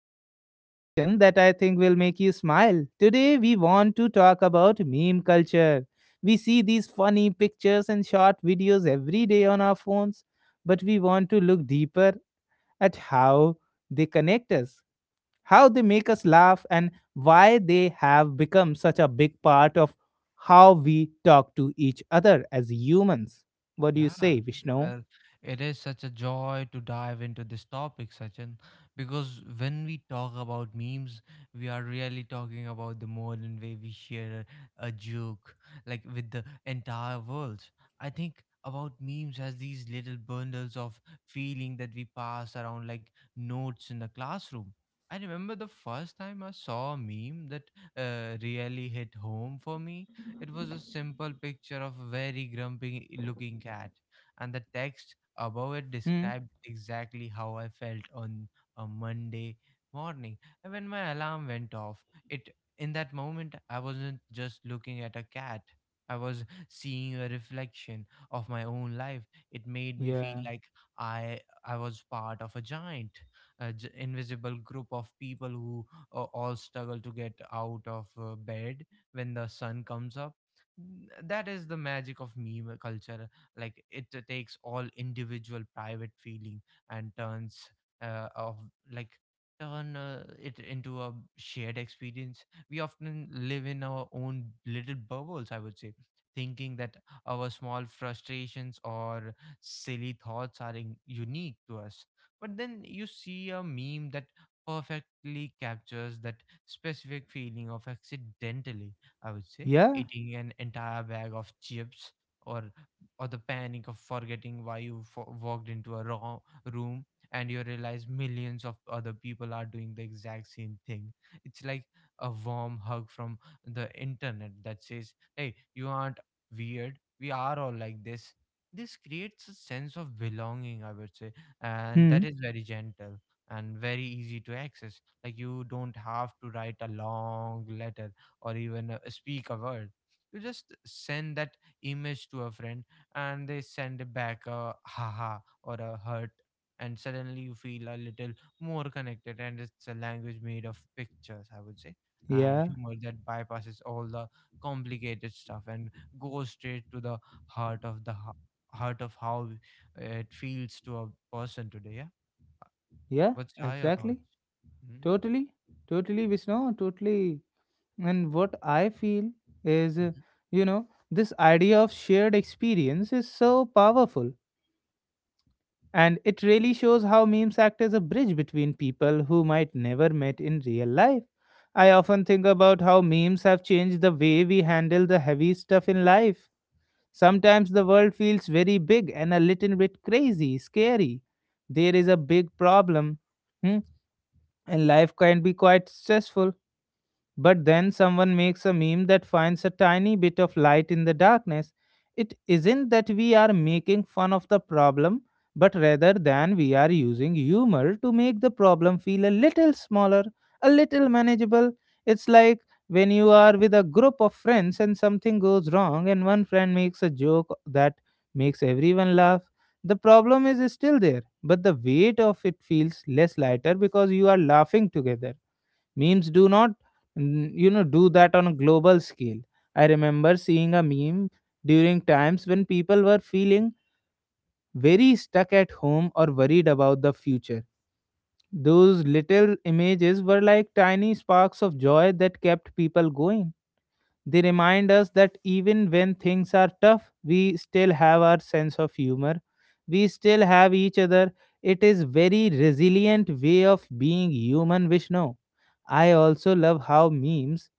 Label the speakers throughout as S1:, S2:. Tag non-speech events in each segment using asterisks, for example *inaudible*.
S1: this conversation that I think will make you smile. Today, we want to talk about meme culture. We see these funny pictures and short videos every day on our phones, but we want to look deeper at how they connect us, how they make us laugh, and why they have become such a big part of how we talk to each other as humans. What do you
S2: Yeah,
S1: say, Vishnu?
S2: well, it is such a joy to dive into this topic, Sachin, because when we talk about memes, we are really talking about the modern way we share a joke, like with the entire world. I think about memes as these little bundles of feeling that we pass around like notes in the classroom. I remember the first time I saw a meme that really hit home for me. It was a simple picture of a very grumpy looking cat, and the text above it
S1: Hmm.
S2: described exactly how I felt on a Monday morning, and when my alarm went off. It In that moment I wasn't just looking at a cat. I was seeing a reflection of my own life. It made me feel
S1: Yeah.
S2: like I was part of a giant, invisible group of people who all struggle to get out of bed when the sun comes up. That is the magic of meme culture. Like, it takes all individual private feeling and turns of like turn it into a shared experience. We often live in our own little bubbles, I would say, thinking that our small frustrations or silly thoughts are unique to us, but then you see a meme that perfectly captures that specific feeling of accidentally, I would say,
S1: Yeah.
S2: eating an entire bag of chips, or the panic of forgetting why you walked into a wrong room, and you realize millions of other people are doing the exact same thing. It's like a warm hug from the internet that says, hey, you aren't weird, we are all like this. This creates a sense of belonging, I would say, and
S1: Hmm.
S2: that is very gentle and very easy to access. Like, you don't have to write a long letter or even speak a word. You just send that image to a friend and they send back a haha or a hurt, and suddenly you feel a little more connected. And it's a language made of pictures, I would say, and
S1: Yeah.
S2: humor that bypasses all the complicated stuff and goes straight to the heart of the h- heart of how it feels to a person today. Yeah,
S1: Yeah.
S2: what's are your thoughts?
S1: Exactly.
S2: Hmm.
S1: Totally. Totally, Vishnu. Totally. And what I feel is, this idea of shared experience is so powerful. And it really shows how memes act as a bridge between people who might never met in real life. I often think about how memes have changed the way we handle the heavy stuff in life. Sometimes the world feels very big and a little bit crazy, scary. There is a big problem, hmm, and life can be quite stressful. But then someone makes a meme that finds a tiny bit of light in the darkness. It isn't that we are making fun of the problem, but rather than we are using humor to make the problem feel a little smaller, a little manageable. It's like when you are with a group of friends and something goes wrong, and one friend makes a joke that makes everyone laugh. The problem is still there, but the weight of it feels less lighter because you are laughing together. Memes do not, do that on a global scale. I remember seeing a meme during times when people were feeling very stuck at home or worried about the future. Those little images were like tiny sparks of joy that kept people going. They remind us that even when things are tough, we still have our sense of humor. We still have each other. It is very resilient way of being human, Vishnu. I also love how memes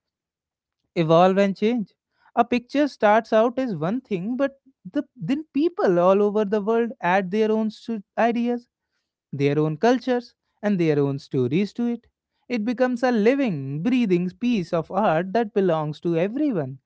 S1: evolve and change. A picture starts out as one thing, but then people all over the world add their own ideas, their own cultures, and their own stories to it. It becomes a living, breathing piece of art that belongs to everyone.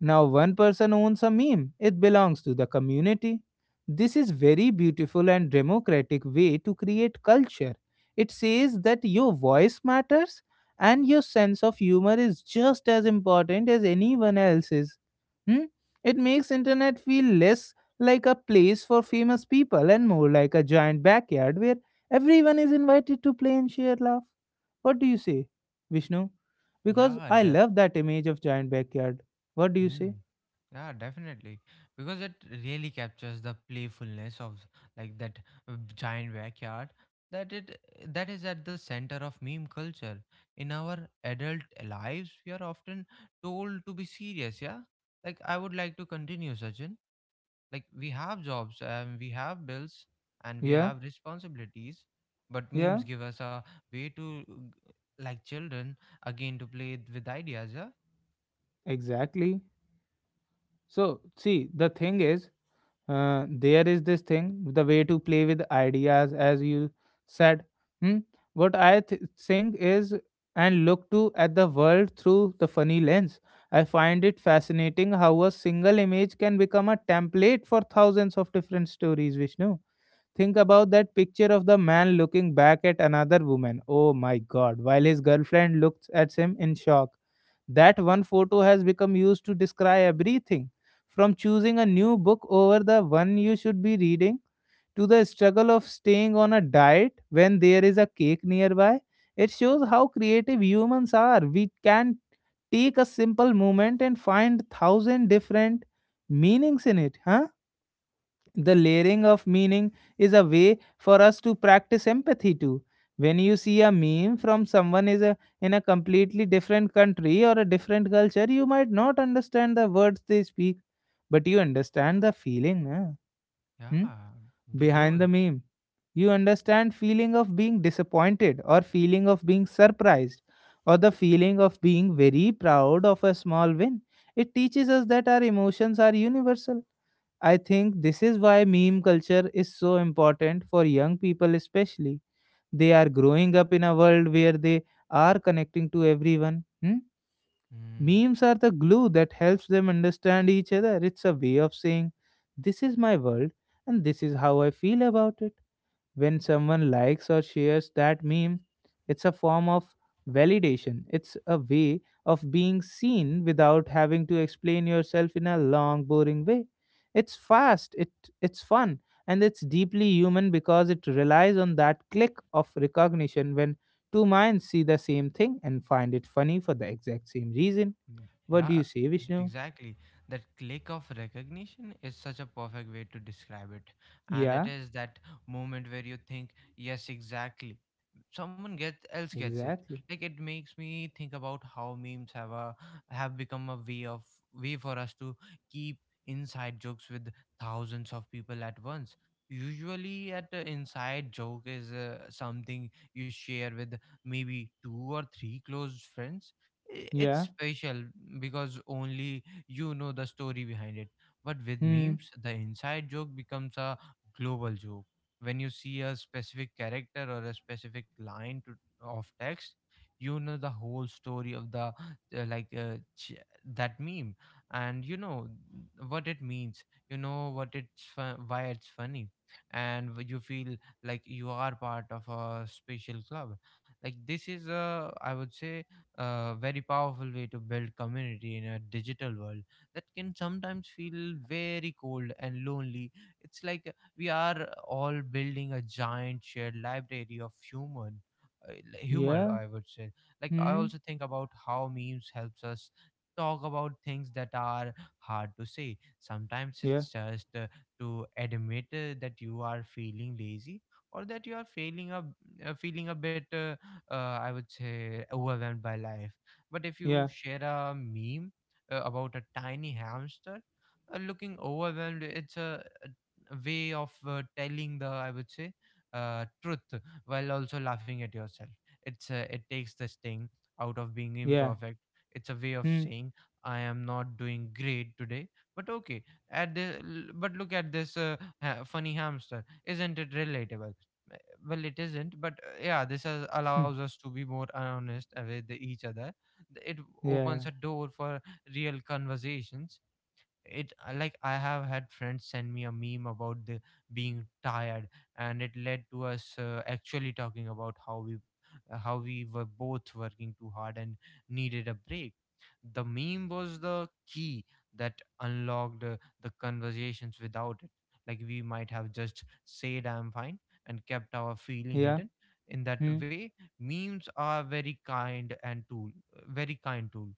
S1: Now, one person owns a meme, it belongs to the community. This is very beautiful and democratic way to create culture. It says that your voice matters and your sense of humor is just as important as anyone else's. Hmm? It makes internet feel less like a place for famous people and more like a giant backyard where everyone is invited to play and share laugh. What do you say, Vishnu? Because
S2: Yeah,
S1: I
S2: the,
S1: love that image of giant backyard. What do you say?
S2: yeah, definitely. Because it really captures the playfulness of, like, that giant backyard, that it that is at the center of meme culture. In our adult lives, we are often told to be serious, yeah? Like, I would like to continue, Sachin. Like, we have jobs and we have bills and we
S1: Yeah,
S2: have responsibilities, but
S1: yeah,
S2: memes give us a way to, like children again, to play with ideas, yeah?
S1: exactly. So, see, the thing is, there is this thing, the way to play with ideas, as you said. Hmm? What I think is, and look to at the world through the funny lens. I find it fascinating how a single image can become a template for thousands of different stories, Vishnu. Think about that picture of the man looking back at another woman. Oh my god, while his girlfriend looks at him in shock. That one photo has become used to describe everything from choosing a new book over the one you should be reading to the struggle of staying on a diet when there is a cake nearby. It shows how creative humans are. We can take a simple moment and find thousand different meanings in it, huh? The layering of meaning is a way for us to practice empathy too. When you see a meme from someone is a, in a completely different country or a different culture, you might not understand the words they speak, but you understand the feeling, na? Hmm?
S2: Yeah, we
S1: Behind
S2: do.
S1: the meme. You understand feeling of being disappointed or feeling of being surprised or the feeling of being very proud of a small win. It teaches us that our emotions are universal. I think this is why meme culture is so important for young people, especially. They are growing up in a world where they are connecting to everyone. Hmm?
S2: Hmm.
S1: Memes are the glue that helps them understand each other. It's a way of saying, this is my world, and this is how I feel about it. When someone likes or shares that meme, it's a form of validation. It's a way of being seen without having to explain yourself in a long, boring way. It's fast, it's fun, and it's deeply human because it relies on that click of recognition when two minds see the same thing and find it funny for the exact same reason. What do
S2: Yeah,
S1: you say, Vishnu?
S2: exactly. That click of recognition is such a perfect way to describe it. And it
S1: Yeah,
S2: is that moment where you think, yes, exactly. Someone gets else gets it.
S1: exactly.
S2: Like, it makes me think about how memes have become a way of, way for us to keep inside jokes with thousands of people at once. Usually, at the inside joke is something you share with maybe two or three close friends. It's
S1: Yeah.
S2: special because only you know the story behind it. But with
S1: Hmm.
S2: memes, the inside joke becomes a global joke. When you see a specific character or a specific line to, of text, you know the whole story of the uh, like uh, ch- that meme, and you know what it means. You know what why it's funny, and you feel like you are part of a special club. Like, this is a, I would say, a very powerful way to build community in a digital world that can sometimes feel very cold and lonely. It's like we are all building a giant shared library of human, uh, humor,
S1: Yeah.
S2: I would say. Like, I
S1: Hmm.
S2: also think about how memes helps us talk about things that are hard to say. Sometimes
S1: Yeah.
S2: it's just to admit that you are feeling lazy, or that you are feeling up, feeling a bit, I would say, overwhelmed by life. But if you
S1: Yeah.
S2: share a meme about a tiny hamster looking overwhelmed, it's a way of telling the, I would say, truth while also laughing at yourself. It takes the sting out of being
S1: Yeah.
S2: imperfect. It's a way of
S1: Hmm.
S2: saying, I am not doing great today, but okay. At but look at this funny hamster. Isn't it relatable? Well, it isn't, but yeah, this has,
S1: Hmm,
S2: allows us to be more honest with each other. It
S1: yeah,
S2: opens a door for real conversations. It like, I have had friends send me a meme about the being tired, and it led to us actually talking about how we, how we were both working too hard and needed a break. The meme was the key that unlocked the conversations. Without it, like, we might have just said, I'm fine, and kept our feeling
S1: yeah,
S2: hidden. In that
S1: hmm,
S2: way, memes are very kind and tool, very kind tool.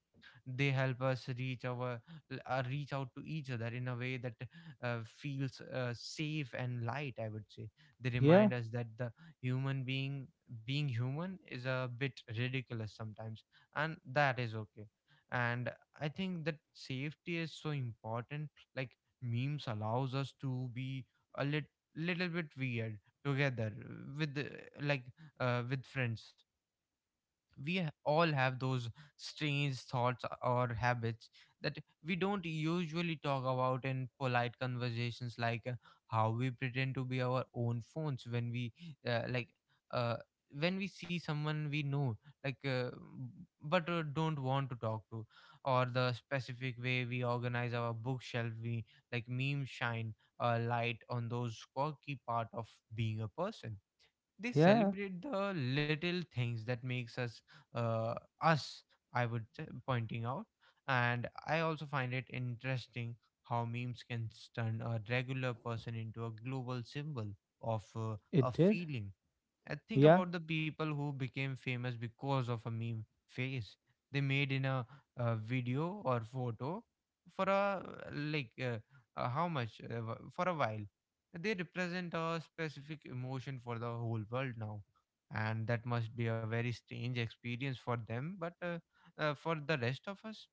S2: They help us reach our reach out to each other in a way that feels safe and light. I would say they
S1: yeah,
S2: remind us that the human being being human is a bit ridiculous sometimes, and that is okay. And I think that safety is so important. Like, memes allows us to be a lit- little bit weird together with the- like with friends. We all have those strange thoughts or habits that we don't usually talk about in polite conversations, like, how we pretend to be our own phones when we, uh, like uh, when we see someone we know, like, but don't want to talk to, or the specific way we organize our bookshelf. We, like, memes shine a light on those quirky part of being a person. They
S1: yeah,
S2: celebrate the little things that makes us, uh, us, I would say, pointing out. And I also find it interesting how memes can turn a regular person into a global symbol of, a
S1: it did.
S2: feeling. And think
S1: Yeah,
S2: about the people who became famous because of a meme face they made in a, uh, video or photo for a, like uh, for a while. They represent a specific emotion for the whole world now, and that must be a very strange experience for them. But for the rest of us,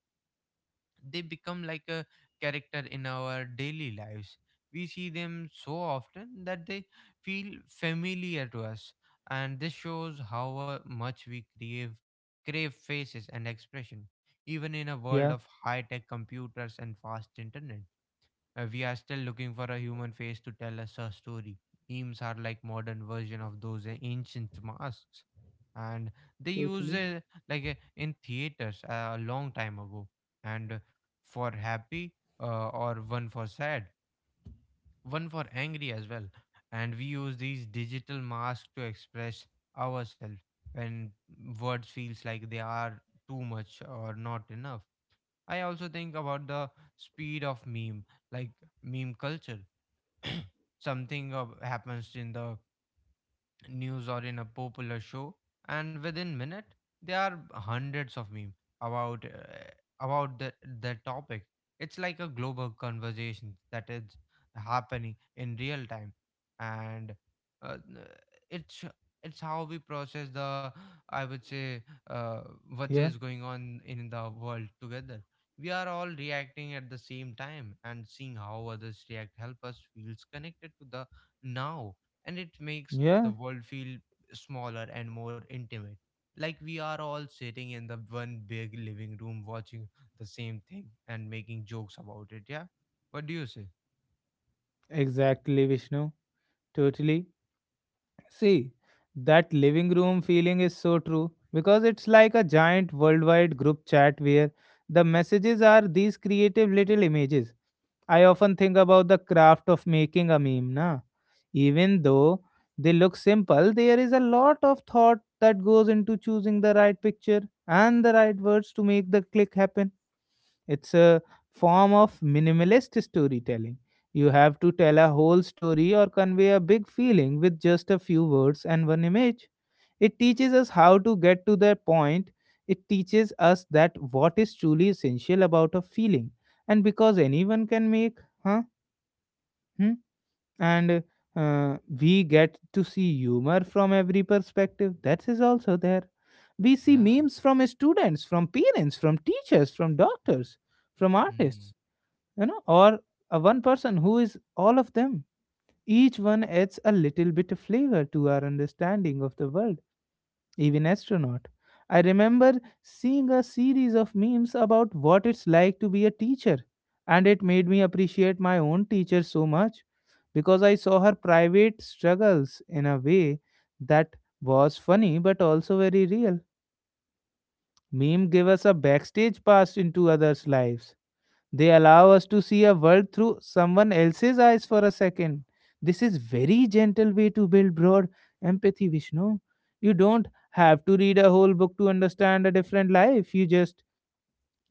S2: they become like a character in our daily lives. We see them so often that they feel familiar to us, and this shows how much we crave faces and expression, even in a world
S1: yeah,
S2: of high tech computers and fast internet. We are still looking for a human face to tell us a story. Memes are like modern version of those ancient masks, and they use,
S1: totally.
S2: like, in theaters a long time ago. And for happy, or one for sad, one for angry as well. And we use these digital masks to express ourselves when words feels like they are too much or not enough. I also think about the speed of meme, like, meme culture. *clears throat* Something happens in the news or in a popular show, and within minute there are hundreds of memes about, about the, the topic. It's like a global conversation that is happening in real time, and, uh, it's it's how we process the, I would say, uh, what
S1: Yeah,
S2: is going on in the world together. We are all reacting at the same time, and seeing how others react help us feels connected to the now. And it makes
S1: yeah,
S2: the world feel smaller and more intimate. Like, we are all sitting in the one big living room watching the same thing and making jokes about it. Yeah. What do you say?
S1: exactly, Vishnu. Totally. See, that living room feeling is so true because it's like a giant worldwide group chat where the messages are these creative little images. I often think about the craft of making a meme, na? Even though they look simple, there is a lot of thought that goes into choosing the right picture and the right words to make the click happen. It's a form of minimalist storytelling. You have to tell a whole story or convey a big feeling with just a few words and one image. It teaches us how to get to the point. It teaches us that what is truly essential about a feeling. And because anyone can make, huh? Hmm? And we get to see humor from every perspective. That is also there. We see
S2: Yeah.
S1: memes from students, from parents, from teachers, from doctors, from
S2: Mm.
S1: artists, you know, or a one person who is all of them. Each one adds a little bit of flavor to our understanding of the world. Even astronaut. I remember seeing a series of memes about what it's like to be a teacher, and it made me appreciate my own teacher so much because I saw her private struggles in a way that was funny but also very real. Meme gave us a backstage pass into others lives. They allow us to see a world through someone else's eyes for a second. This is very gentle way to build broad empathy, Vishnu. You don't have to read a whole book to understand a different life. You just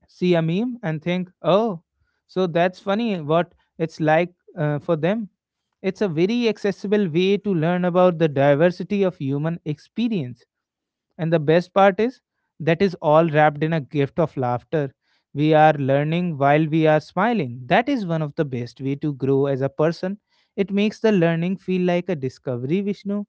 S1: see a meme and think, "Oh, so that's funny what it's like for them." It's a very accessible way to learn about the diversity of human experience. And the best part is that is all wrapped in a gift of laughter. We are learning while we are smiling. That is one of the best way to grow as a person. It makes the learning feel like a discovery, Vishnu.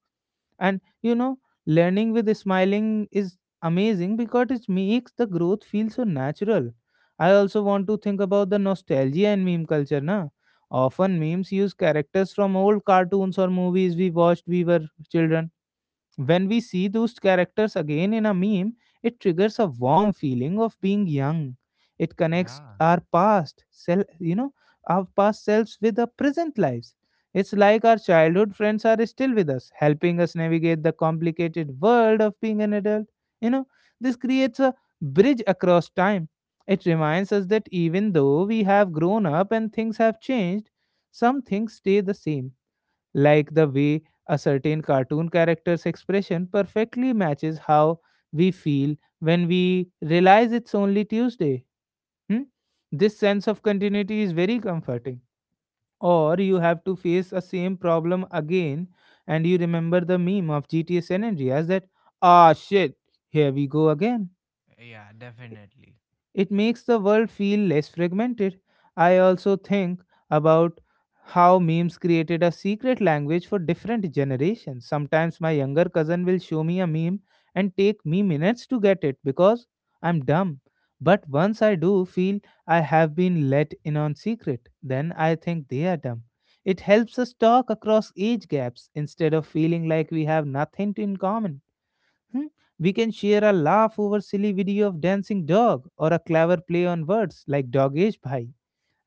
S1: And you know, learning with smiling is amazing because it makes the growth feel so natural. I also want to think about the nostalgia and meme culture, na? Often memes use characters from old cartoons or movies we watched we were children. When we see those characters again in a meme, it triggers a warm feeling of being young. It connects
S2: Yeah.
S1: our past self, you know, our past selves with our present lives. It's like our childhood friends are still with us, helping us navigate the complicated world of being an adult. You know, this creates a bridge across time. It reminds us that even though we have grown up and things have changed, some things stay the same, like the way a certain cartoon character's expression perfectly matches how we feel when we realize it's only Tuesday. Hmm? This sense of continuity is very comforting. Or you have to face a same problem again, and you remember the meme of GTA San Andreas that, ah, shit, here we go again.
S2: Yeah, definitely.
S1: It makes the world feel less fragmented. I also think about how memes created a secret language for different generations. Sometimes my younger cousin will show me a meme and take me minutes to get it because I'm dumb. But once I do feel I have been let in on secret, then I think they are dumb. It helps us talk across age gaps instead of feeling like we have nothing to in common. Hmm? We can share a laugh over silly video of dancing dog or a clever play on words like dog ish bhai.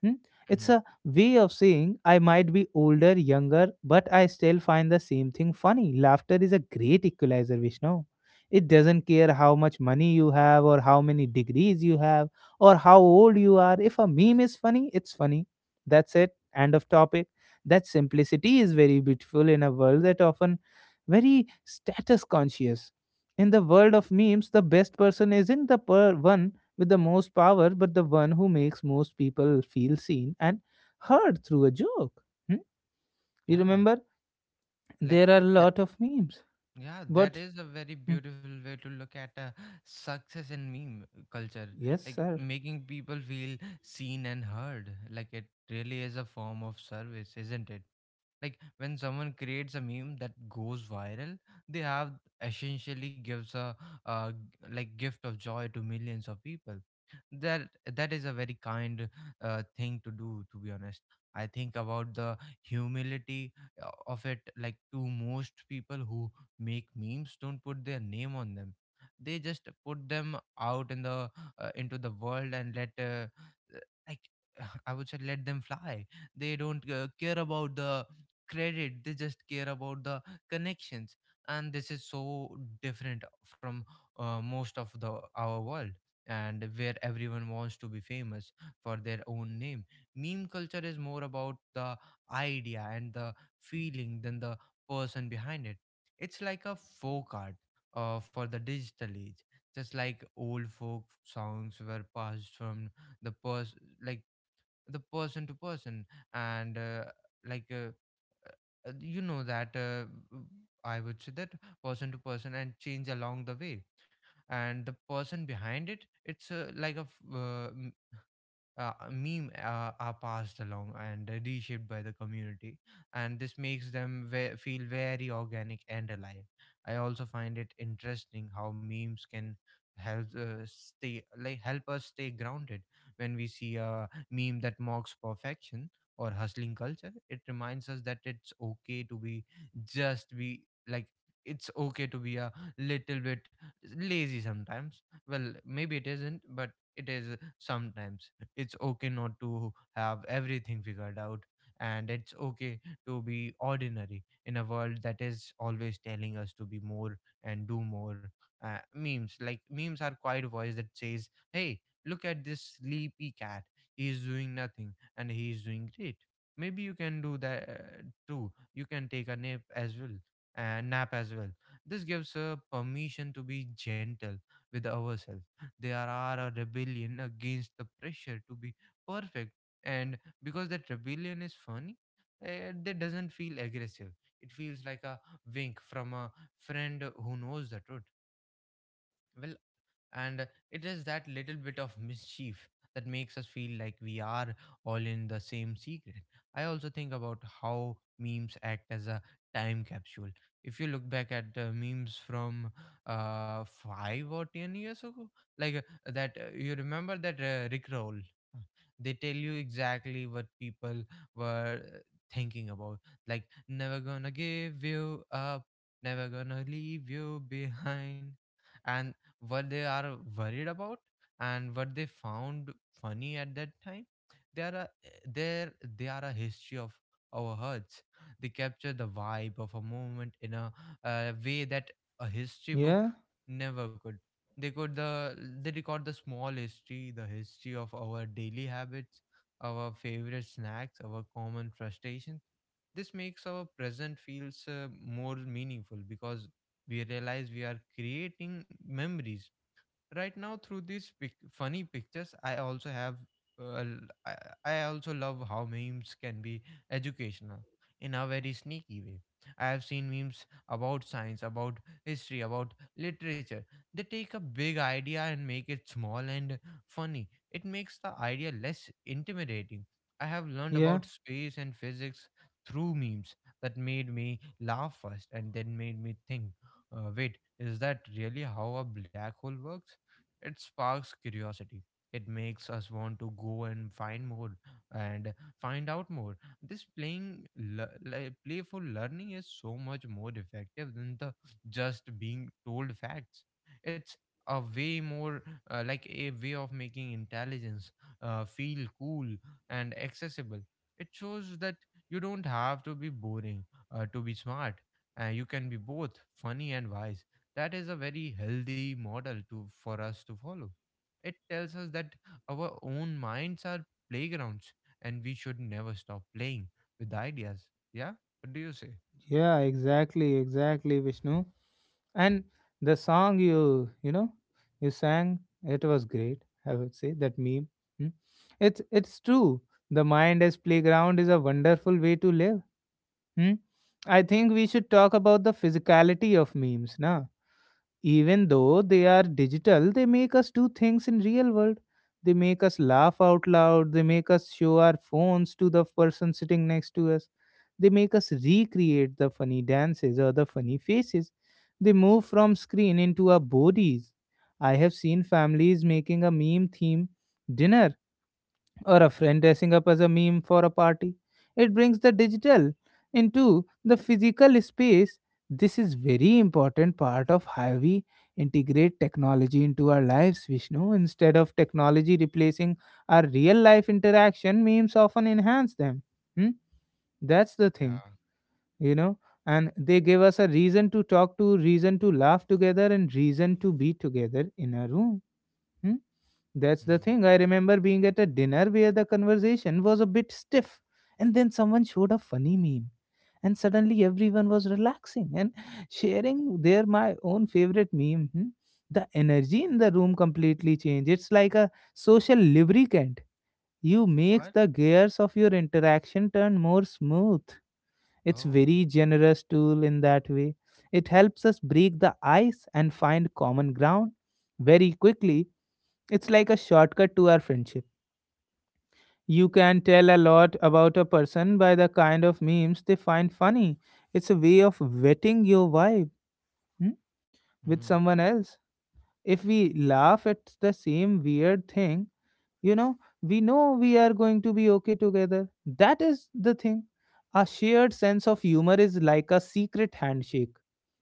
S1: Hmm? It's
S2: Hmm.
S1: a way of saying I might be older, younger, but I still find the same thing funny. Laughter is a great equalizer, Vishnu. It doesn't care how much money you have, or how many degrees you have, or how old you are. If a meme is funny, it's funny. That's it. End of topic. That simplicity is very beautiful in a world that often very status conscious. In the world of memes, the best person isn't the one with the most power, but the one who makes most people feel seen and heard through a joke. Hmm? You
S2: Yeah.
S1: remember? There
S2: Like
S1: are a
S2: that.
S1: lot of memes.
S2: Yeah, that
S1: But,
S2: is a very
S1: hmm,
S2: beautiful way to look at success in meme culture.
S1: yes,
S2: Like,
S1: sir.
S2: making people feel seen and heard. Like, it really is a form of service, isn't it? Like, when someone creates a meme that goes viral, they have essentially gives a, uh, like, gift of joy to millions of people. That that is a very kind thing to do. To be honest, I think about the humility of it. Like, to most people who make memes, don't put their name on them. They just put them out in the, into the world and let, uh, like *sighs* *laughs* I would say, let them fly. They don't care about the credit. They just care about the connections, and this is so different from most of the our world, and where everyone wants to be famous for their own name. Meme culture is more about the idea and the feeling than the person behind it. It's like a folk art for the digital age, just like old folk songs were passed from the person like the person to person and like you know that I would say that person to person and change along the way. And the person behind it, it's like a meme are passed along and reshaped by the community, and this makes them feel very organic and alive. I also find it interesting how memes can help us stay grounded. When we see a meme that mocks perfection or hustling culture, it reminds us that it's okay to be just be like it's okay to be a little bit lazy sometimes. Well, maybe it isn't, but it is sometimes. It's okay not to have everything figured out, and it's okay to be ordinary in a world that is always telling us to be more and do more. Memes, like memes are quiet voice that says, hey, look at this sleepy cat. He's doing nothing and he's doing great. Maybe you can do that too. You can take a nap as well and nap as well. This gives permission to be gentle with ourselves. There are a rebellion against the pressure to be perfect, and because that rebellion is funny, that doesn't feel aggressive. It feels like a wink from a friend who knows the truth. Well, and it is that little bit of mischief that makes us feel like we are all in the same secret. I also think about how memes act as a time capsule. If you look back at memes from 5 or 10 years ago, like uh, you remember that Rickroll? Uh, They tell you exactly what people were thinking about. Like, never gonna give you up, never gonna leave you behind, and what they are worried about and what they found funny at that time. They are a, there they are a history of our hearts. They capture the vibe of a moment in a, way that a history book
S1: Yeah,
S2: never could. they could the they record the small history, the history of our daily habits, our favorite snacks, our common frustrations. This makes our present feels more meaningful because we realize we are creating memories right now through these funny pictures. I also have uh, l- I, I also love how memes can be educational in a very sneaky way. I have seen memes about science, about history, about literature. They take a big idea and make it small and funny. It makes the idea less intimidating. I have learned
S1: yeah,
S2: about space and physics through memes that made me laugh first and then made me think, wait, is that really how a black hole works? It sparks curiosity. It makes us want to go and find more and find out more. This playful learning is so much more effective than the just being told facts. It's a way more a way of making intelligence feel cool and accessible. It shows that you don't have to be boring to be smart. You can be both funny and wise. That is a very healthy model to for us to follow. It tells us that our own minds are playgrounds, and we should never stop playing with ideas. Yeah, what do you say?
S1: yeah, exactly, exactly, Vishnu. And the song you you sang, it was great, I would say, that meme. Hmm? It's true. The mind as playground is a wonderful way to live. Hmm? I think we should talk about the physicality of memes, na? Even though they are digital, they make us do things in real world. They make us laugh out loud, they make us show our phones to the person sitting next to us, they make us recreate the funny dances or the funny faces. They move from screen into our bodies. I have seen families making a meme theme dinner or a friend dressing up as a meme for a party. It brings the digital into the physical space. This is very important part of how we integrate technology into our lives, Vishnu. Instead of technology replacing our real life interaction, memes often enhance them. Hmm? That's the
S2: Yeah.
S1: thing, you know. And they give us a reason to talk to, reason to laugh together, and reason to be together in a room. Hmm? That's the
S2: Mm.
S1: thing. I remember being at a dinner where the conversation was a bit stiff, and then someone showed a funny meme, and suddenly everyone was relaxing and *laughs* sharing their my own favorite meme. Hmm. The energy in the room completely changed. It's like a social lubricant. You makes
S2: What?
S1: the gears of your interaction turn more smooth. It's
S2: Oh.
S1: very generous tool in that way. It helps us break the ice and find common ground very quickly. It's like a shortcut to our friendship. You can tell a lot about a person by the kind of memes they find funny. It's a way of vetting your vibe, hmm, with
S2: Hmm.
S1: someone else. If we laugh at the same weird thing, you know, we know we are going to be okay together. That is the thing. A shared sense of humor is like a secret handshake.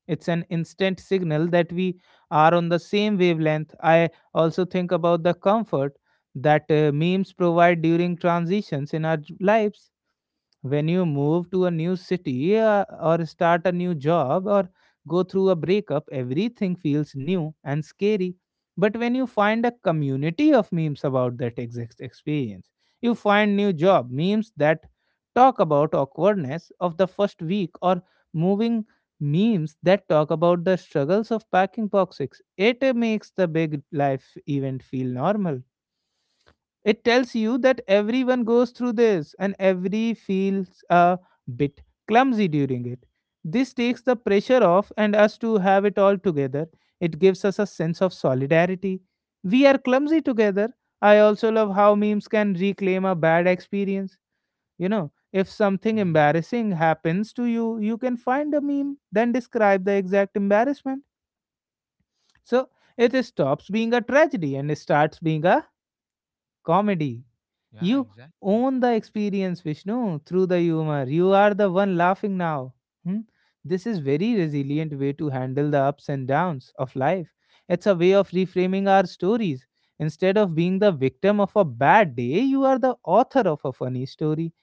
S1: It's an instant signal that we are on the same wavelength. I also think about the comfort that memes provide during transitions in our lives. When you move to a new city, or start a new job, or go through a breakup, everything feels new and scary. But when you find a community of memes about that exact experience, you find new job memes that talk about awkwardness of the first week, or moving memes that talk about the struggles of packing boxes. It makes the big life event feel normal. It tells you that everyone goes through this and every feels a bit clumsy during it. This takes the pressure off and us to have it all together. It gives us a sense of solidarity. We are clumsy together. I also love how memes can reclaim a bad experience. You know, if something
S2: Hmm.
S1: embarrassing happens to you, you can find a meme, then describe the exact embarrassment. So it stops being a tragedy and starts being a comedy.
S2: Yeah,
S1: You
S2: exactly.
S1: own the experience, Vishnu, through the humor. You are the one laughing now. Hmm? This is very resilient way to handle the ups and downs of life. It's a way of reframing our stories. Instead of being the victim of a bad day, you are the author of a funny story.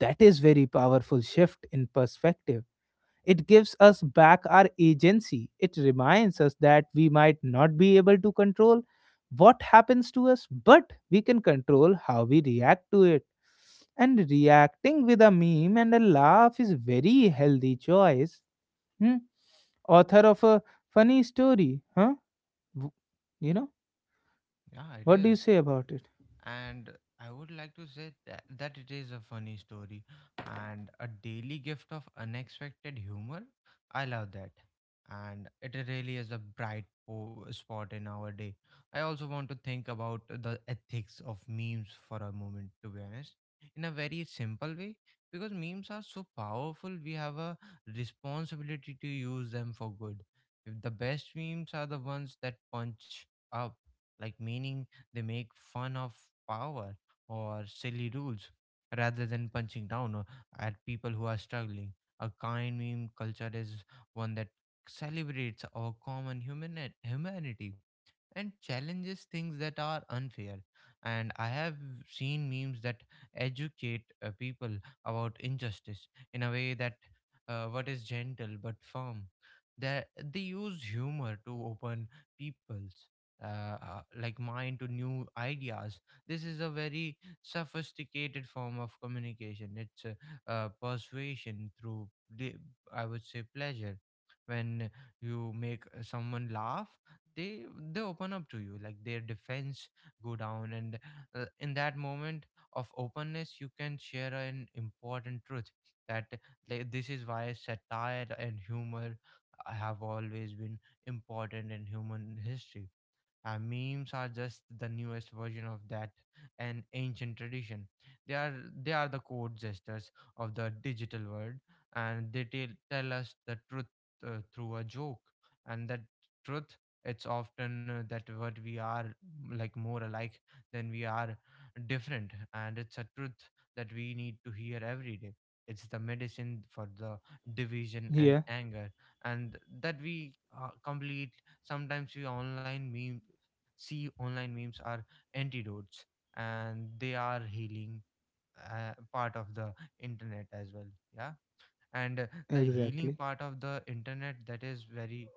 S1: That is very powerful shift in perspective. It gives us back our agency. It reminds us that we might not be able to control what happens to us, but we can control how we react to it. And reacting with a meme and a laugh is very healthy choice. Hmm? Author of a funny story, huh? W- You know,
S2: Yeah, it
S1: what do you
S2: is.
S1: say about it?
S2: And I would like to say that, that it is a funny story and a daily gift of unexpected humor. I love that, and it really is a bright spot in our day. I also want to think about the ethics of memes for a moment, to be honest, in a very simple way. Because memes are so powerful, we have a responsibility to use them for good. If the best memes are the ones that punch up, like, meaning they make fun of power or silly rules rather than punching down at people who are struggling. A kind meme culture is one that celebrates our common human humanity and challenges things that are unfair. And I have seen memes that educate people about injustice in a way that what is gentle but firm. That They use humor to open people's mind to new ideas. This is a very sophisticated form of communication. It's persuasion through, the- I would say, pleasure. When you make someone laugh, they they open up to you, like their defense go down, and in that moment of openness you can share an important truth that like, this is why satire and humor have always been important in human history. Memes are just the newest version of that, an ancient tradition. they are they are the code gestures of the digital world, and they tell us the truth through a joke. And that truth, it's often that what we are more alike than we are different, and it's a truth that we need to hear every day. It's the medicine for the division and
S1: Yeah,
S2: anger. And that we complete sometimes we online meme see online memes are antidotes, and they are healing part of the internet as well. Yeah. And the healing
S1: exactly.
S2: part of the internet, that is very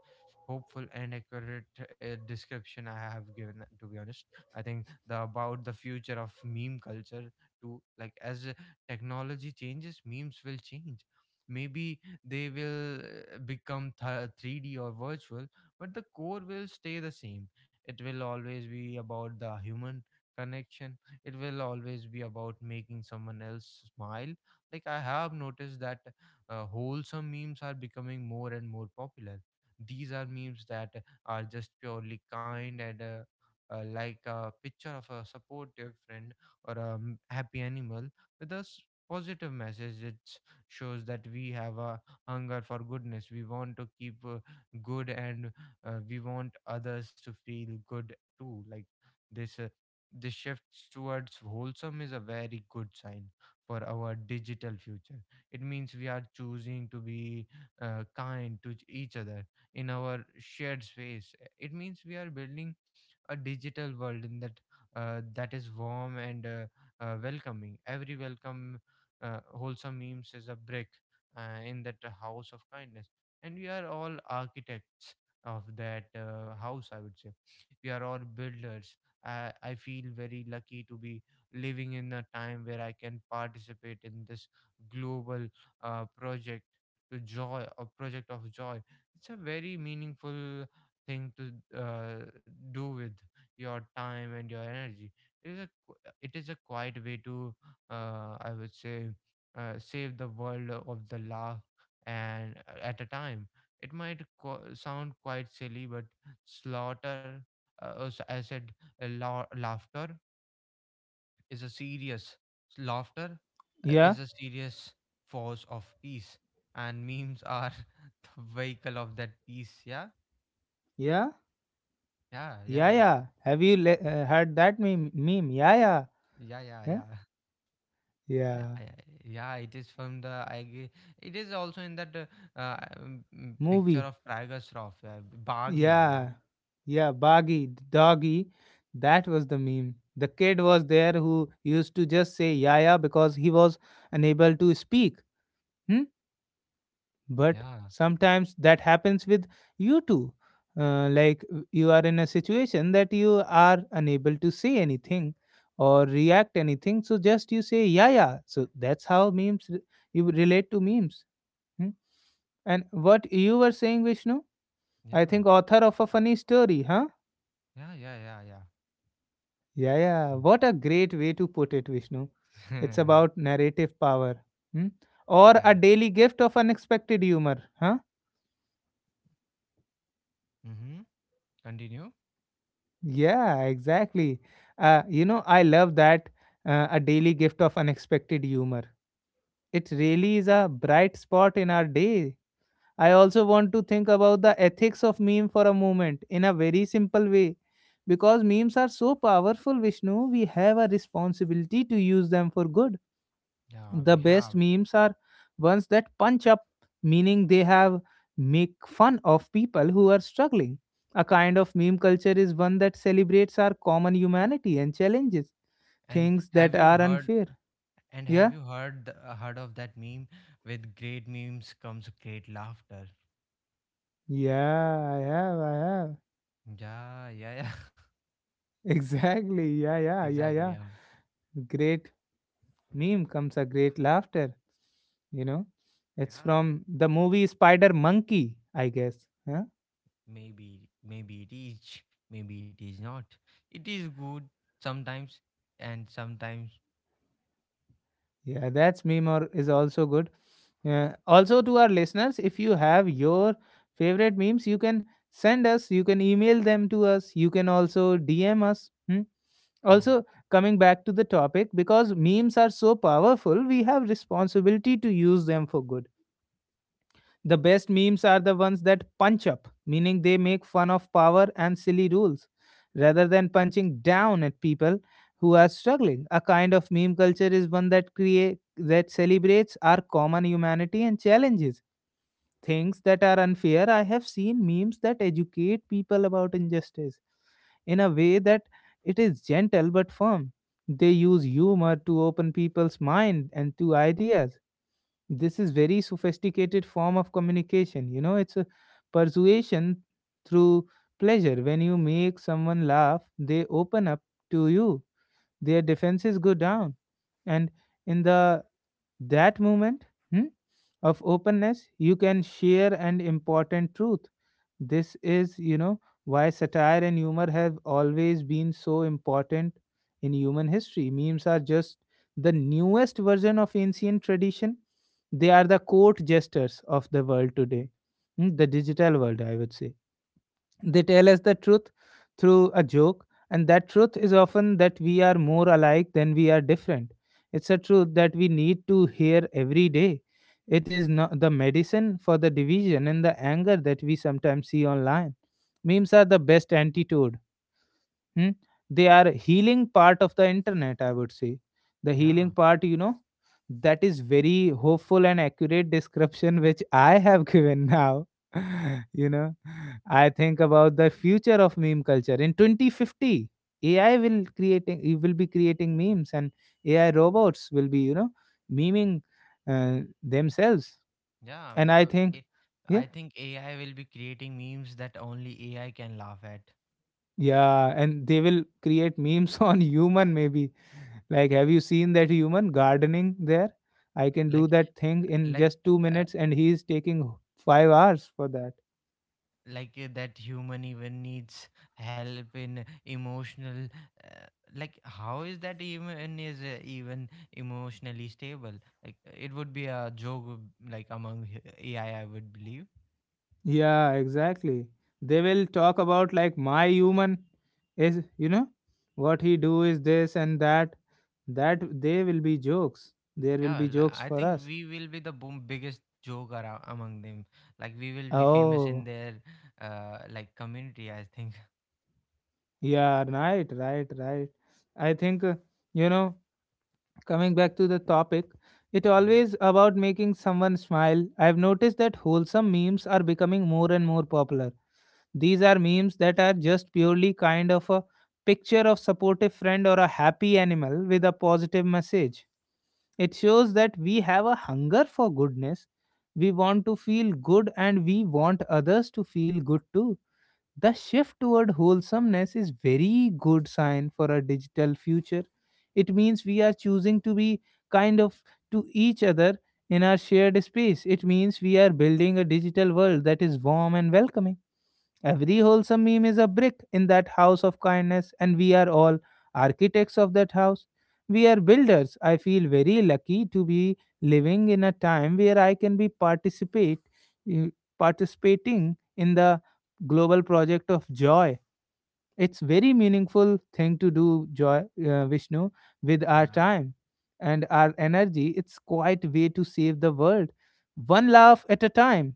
S2: hopeful and accurate description I have given, to be honest. I think the about the future of meme culture too. Like, as technology changes, memes will change. Maybe they will become 3D or virtual, but the core will stay the same. It will always be about the human connection. It will always be about making someone else smile. Like, I have noticed that wholesome memes are becoming more and more popular. These are memes that are just purely kind, and like a picture of a supportive friend or a happy animal with a positive message. It shows that we have a hunger for goodness. We want to keep good, and we want others to feel good too. Like this. This shift towards wholesome is a very good sign for our digital future. It means we are choosing to be kind to each other in our shared space. It means we are building a digital world in that that is warm and welcoming. Every welcome uh, wholesome memes is a brick in that house of kindness, and we are all architects of that house, I would say. We are all builders. I feel very lucky to be living in a time where I can participate in this global project to joy a project of joy. It's a very meaningful thing to uh, do with your time and your energy. It is a it is a quiet way to I would say save the world of the laugh and at a time. It might sound quite silly, but slaughter as I said, laughter is a serious laughter
S1: Yeah,
S2: is a serious force of peace, and memes are *laughs* the vehicle of that peace. Yeah.
S1: yeah,
S2: Yeah,
S1: yeah,
S2: yeah,
S1: yeah. Have you heard that meme? Meme, yeah, yeah,
S2: yeah, yeah,
S1: yeah,
S2: yeah. Yeah,
S1: yeah.
S2: yeah, it is from the. It is also in that picture
S1: Movie,
S2: of Tiger Shroff. Yeah, Baggy. Yeah,
S1: yeah, yeah, Baggy, Doggy, that was the meme. The kid was there who used to just say Yaya because he was unable to speak. Hmm? But
S2: yeah,
S1: sometimes that happens with you too. Like you are in a situation that you are unable to say anything or react anything, so just you say Yaya. So that's how memes you relate to memes. Hmm? And what you were saying, Vishnu? I
S2: yeah,
S1: think author of a funny story, huh?
S2: yeah, yeah, yeah, yeah,
S1: Yeah, yeah. What a great way to put it, Vishnu. It's about narrative power. Hmm? Or
S2: *laughs*
S1: a
S2: Yeah.
S1: daily gift of unexpected humor. Huh?
S2: Mm-hmm. Continue.
S1: Yeah, exactly. You know, I love that a daily gift of unexpected humor. It really is a bright spot in our day. I also want to think about the ethics of meme for a moment in a very simple way. Because memes are so powerful, Vishnu, we have a responsibility to use them for good.
S2: Yeah,
S1: The
S2: we
S1: best
S2: have.
S1: memes are ones that punch up, meaning they have make fun of people who are struggling. A kind of meme culture is one that celebrates our common humanity and challenges
S2: And
S1: things that
S2: have you
S1: are
S2: heard.
S1: unfair.
S2: And
S1: Yeah.
S2: have you heard of that meme? With great memes comes great laughter.
S1: Yeah, I have, I have.
S2: Yeah, yeah, yeah. *laughs*
S1: *laughs* Exactly. Yeah, yeah, yeah,
S2: Exactly.
S1: yeah.
S2: Yeah,
S1: Great meme comes a great laughter, you know. It's
S2: yeah.
S1: from the movie Spider Monkey, I guess.
S2: Maybe, maybe it is. Maybe it is not. It is good sometimes, and sometimes.
S1: Yeah, that's meme or is also good. Also to our listeners, if you have your favorite memes, you can send us, you can email them to us, you can also DM us. Hmm?
S2: Hmm.
S1: Also, coming back to the topic, because memes are so powerful, we have responsibility to use them for good. The best memes are the ones that punch up, meaning they make fun of power and silly rules, rather than punching down at people who are struggling. A kind of meme culture is one that create that celebrates our common humanity and challenges things that are unfair. I have seen memes that educate people about injustice in a way that it is gentle but firm. They use humor to open people's mind and to ideas. This is very sophisticated form of communication, you know. It's a persuasion through pleasure. When you make someone laugh, they open up to you, their defenses go down, and in the that moment, hmm, of openness, you can share an important truth. This is, you know, why satire and humor have always been so important in human history. Memes are just the newest version of ancient tradition. They are the court jesters of the world today, mm, the digital world, I would say. They tell us the truth through a joke, and that truth is often that we are more alike than we are different. It's a truth that we need to hear every day. It is not the medicine for the division and the anger that we sometimes see online. Memes are the best antidote. Hmm? They are healing part of the internet, I would say. The healing
S2: Yeah,
S1: part, you know, that is very hopeful and accurate description which I have given now. *laughs* You know, I think about the future of meme culture in 2050. AI will creating it will be creating memes, and AI robots will be, you know, memeing themselves.
S2: yeah.
S1: And I think, yeah,
S2: I think AI will be creating memes that only AI can laugh at.
S1: yeah, and they will create memes *laughs* on human maybe. Like, have you seen that human gardening there? I can do
S2: Like,
S1: that thing
S2: uh,
S1: in
S2: like
S1: just two
S2: uh,
S1: minutes, and he is taking 5 hours for that.
S2: that human even needs help in emotional uh, like how is that even is even emotionally stable. Like, it would be a joke like among AI, I would believe.
S1: Yeah, exactly. They will talk about like my human is, you know, what he do is this and that. That they will be jokes. There will
S2: Yeah,
S1: be jokes
S2: I
S1: for
S2: think
S1: us.
S2: we will be the boom biggest joke around among them. Like, we will be famous in
S1: Oh,
S2: their like community, I think.
S1: yeah, right, right, right. I think, you know, coming back to the topic, it
S2: *laughs* Hmm.
S1: always about making someone smile. I've noticed that wholesome memes are becoming more and more popular. These are memes that are just purely kind of a picture of supportive friend or a happy animal with a positive message. It shows that we have a hunger for goodness. We want to feel good and we want others to feel good too. The shift toward wholesomeness is very good sign for our digital future. It means we are choosing to be kind of to each other in our shared space. It means we are building a digital world that is warm and welcoming. Every wholesome meme is a brick in that house of kindness, and we are all architects of that house. We are builders. I feel very lucky to be living in a time where I can be participate, eh, participating in the global project of joy. It's very meaningful thing to do, joy Vishnu, with our
S2: Yeah.
S1: time and our energy. It's quite way to save the world, one laugh at a time.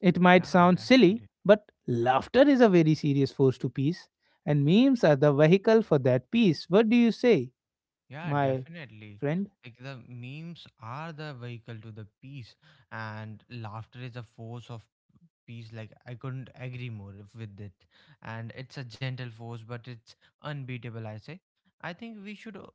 S1: It might
S2: Yeah,
S1: sound silly,
S2: definitely.
S1: but laughter is a very serious force to peace, and memes are the vehicle for that peace. What do you say,
S2: Yeah,
S1: my
S2: definitely.
S1: friend?
S2: Like, the memes are the vehicle to the peace, and laughter is a force of piece, like I couldn't agree more with it. And it's a gentle force, but it's unbeatable, I say. I think we should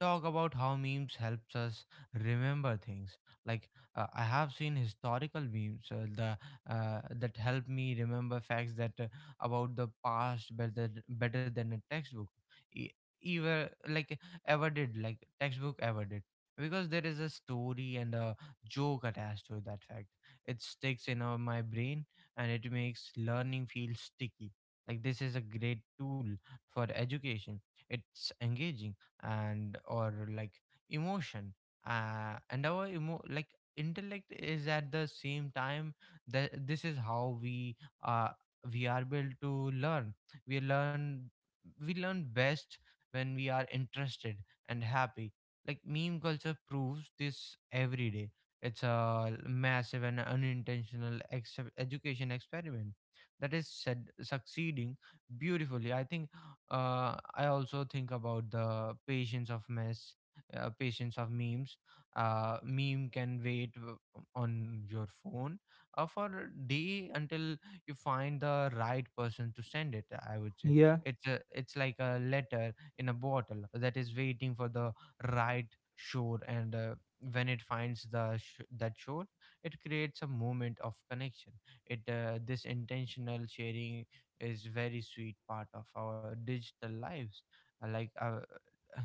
S2: talk about how memes helps us remember things. Like, I have seen historical memes, the that help me remember facts that about the past, better than a textbook e- ever, like like textbook ever did, because there is a story and a joke attached to that fact. It sticks in my brain, and it makes learning feel sticky. Like, this is a great tool for education. It's engaging and, or like, emotion. And our emo like intellect is at the same time, that this is how we, uh we are built to learn. We learn we learn best when we are interested and happy. Like, meme culture proves this every day. It's a massive and unintentional education experiment that is said succeeding beautifully. I think, I also think about the patience of patience of memes. Meme can wait, on your phone, for a day until you find the right person to send it. I would say,
S1: Yeah,
S2: it's like a letter in a bottle that is waiting for the right shore, and when it finds that show, it creates a moment of connection. It This intentional sharing is very sweet part of our digital lives. Uh, like uh, *sighs* uh,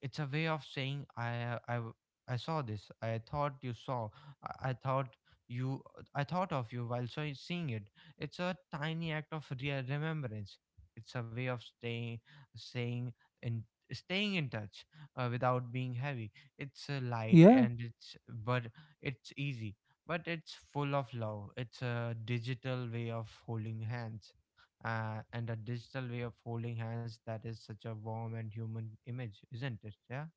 S2: it's a way of saying, I saw this, I thought you saw I thought you I thought of you while seeing it. It's a tiny act of real remembrance. It's a way of saying in staying in touch, without being heavy. It's light,
S1: yeah,
S2: and it's but it's easy, but it's full of love. It's a digital way of holding hands, and a digital way of holding hands that is such a warm and human image, isn't it? Yeah.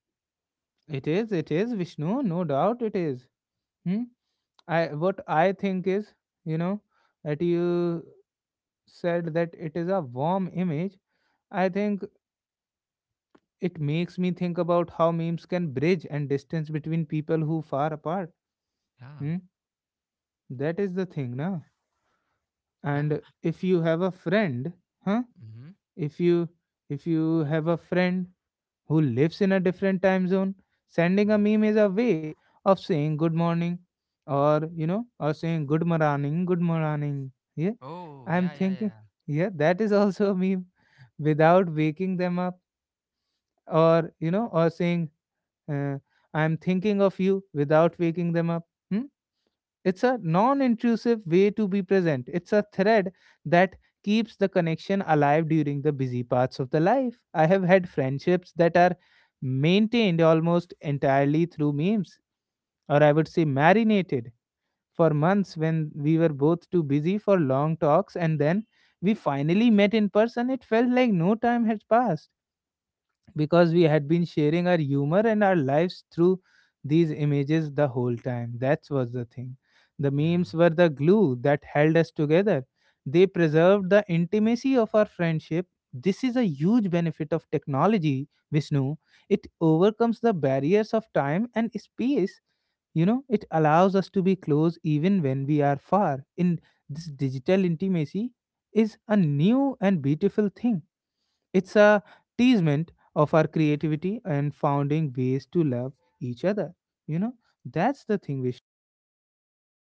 S1: it is, Vishnu, no doubt it is. Hmm? I what I think is, you know, that you said that it is a warm image. I think it makes me think about how memes can bridge and distance between people who far apart.
S2: Yeah,
S1: Hmm? That is the thing, na?
S2: yeah.
S1: And if you have a friend, huh?
S2: Mm-hmm.
S1: If you if you have a friend who lives in a different time zone, sending a
S2: Mm-hmm.
S1: meme is a way of saying good morning, or you know or saying good morning. Good morning, yeah,
S2: Oh,
S1: I'm
S2: yeah, yeah,
S1: thinking,
S2: yeah.
S1: yeah, that is also a meme without waking them up, or you know or saying uh, I'm thinking of you without waking them up. Hmm? It's a non intrusive way to be present. It's a thread that keeps the connection alive during the busy parts of the life. I have had friendships that are maintained almost entirely through memes, or I would say marinated, for months when we were both too busy for long talks and then we finally met in person. It felt like no time had passed because we had been sharing our humor and our lives through these images the whole time. That was the thing. The memes
S2: Yeah,
S1: were the glue that held us together. They preserved the intimacy of our friendship. This is a huge benefit of technology, Vishnu. It overcomes the barriers of time and space. You know, it allows us to be close even when we are far. In this digital intimacy is a new and beautiful thing. It's a teasement of our creativity and finding ways to love each other. You know, that's the thing we should.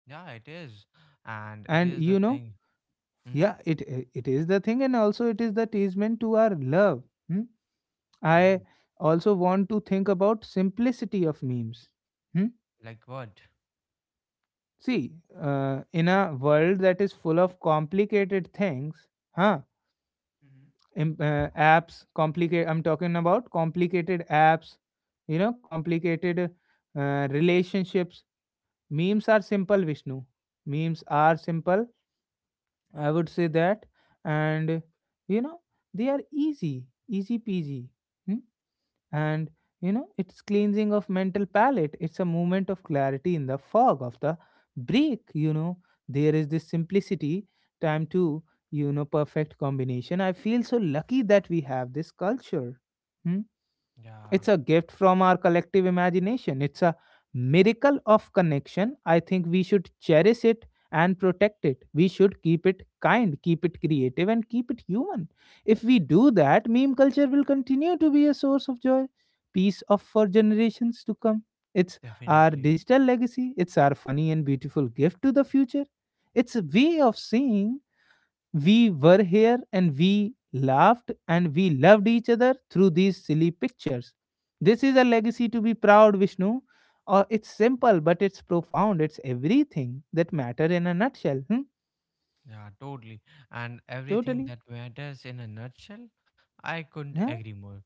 S2: yeah. It is, and it
S1: And
S2: is the
S1: you know,
S2: thing. Mm-hmm.
S1: yeah, it is the thing, and also it is the teasement to our love. Hmm? I
S2: Oh.
S1: also want to think about simplicity of memes. Hmm?
S2: Like what?
S1: See, in a world that is full of complicated things, huh?
S2: Mm-hmm.
S1: Apps, complicate. I'm talking about complicated apps. You know, complicated relationships. Memes are simple, Vishnu. Memes are simple. I would say that. And you know, they are easy, easy peasy. Hmm? And you know, it's cleansing of mental palate. It's a moment of clarity in the fog of the break. You know, there is this simplicity time to perfect combination. I feel so lucky that we have this culture. Hmm?
S2: Yeah,
S1: It's a gift from our collective imagination. It's a miracle of connection. I think we should cherish it and protect it. We should keep it kind, keep it creative, and keep it human. If we do that, meme culture will continue to be a source of joy, peace of for generations to come. It's our
S2: definitely.
S1: digital legacy. It's our funny and beautiful gift to the future. It's a way of saying we were here and we laughed and we loved each other through these silly pictures. This is a legacy to be proud, Vishnu. It's simple, but it's profound. It's everything that matter in a nutshell. Hmm?
S2: Yeah, totally. And everything
S1: Totally.
S2: that matters in a nutshell, I couldn't
S1: Yeah.
S2: agree more.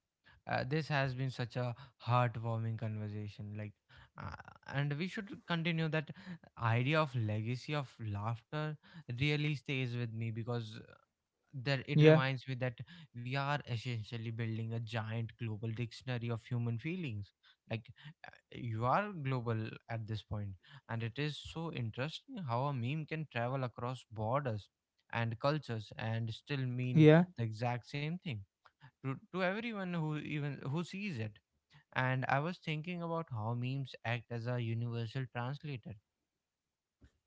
S2: This has been such a heartwarming conversation. Like, uh, and we should continue. That idea of legacy of laughter really stays with me, because that it
S1: Yeah.
S2: reminds me that we are essentially building a giant global dictionary of human feelings. Like, you are global at this point, and it is so interesting how a meme can travel across borders and cultures and still mean
S1: Yeah.
S2: the exact same thing to everyone who sees it. And I was thinking about how memes act as a universal translator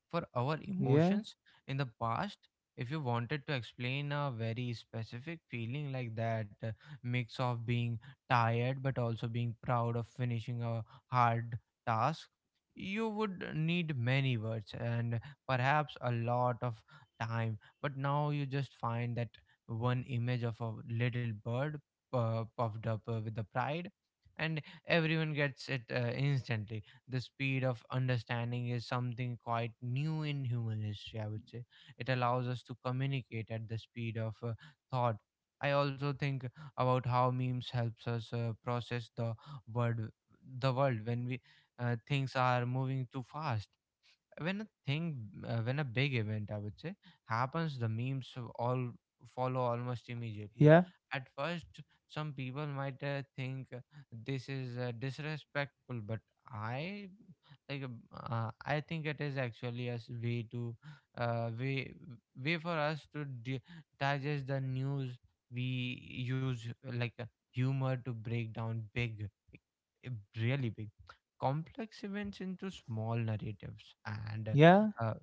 S2: for our
S1: Yeah.
S2: emotions. In the past, if you wanted to explain a very specific feeling, like that mix of being tired but also being proud of finishing a hard task, you would need many words and perhaps a lot of time. But now you just find that one image of a little bird, puffed up with the pride, and everyone gets it instantly. The speed of understanding is something quite new in human history, I would say. It allows us to communicate at the speed of thought. I also think about how memes helps us process world the world when we, things are moving too fast. When a big event, I would say, happens, the memes of all follow almost immediately.
S1: Yeah.
S2: At first, some people might think this is disrespectful, but i I think it is actually a s- way to way way for us to digest the news. We use like humor to break down uh, really big, complex events into small narratives, and
S1: Yeah.
S2: uh, uh,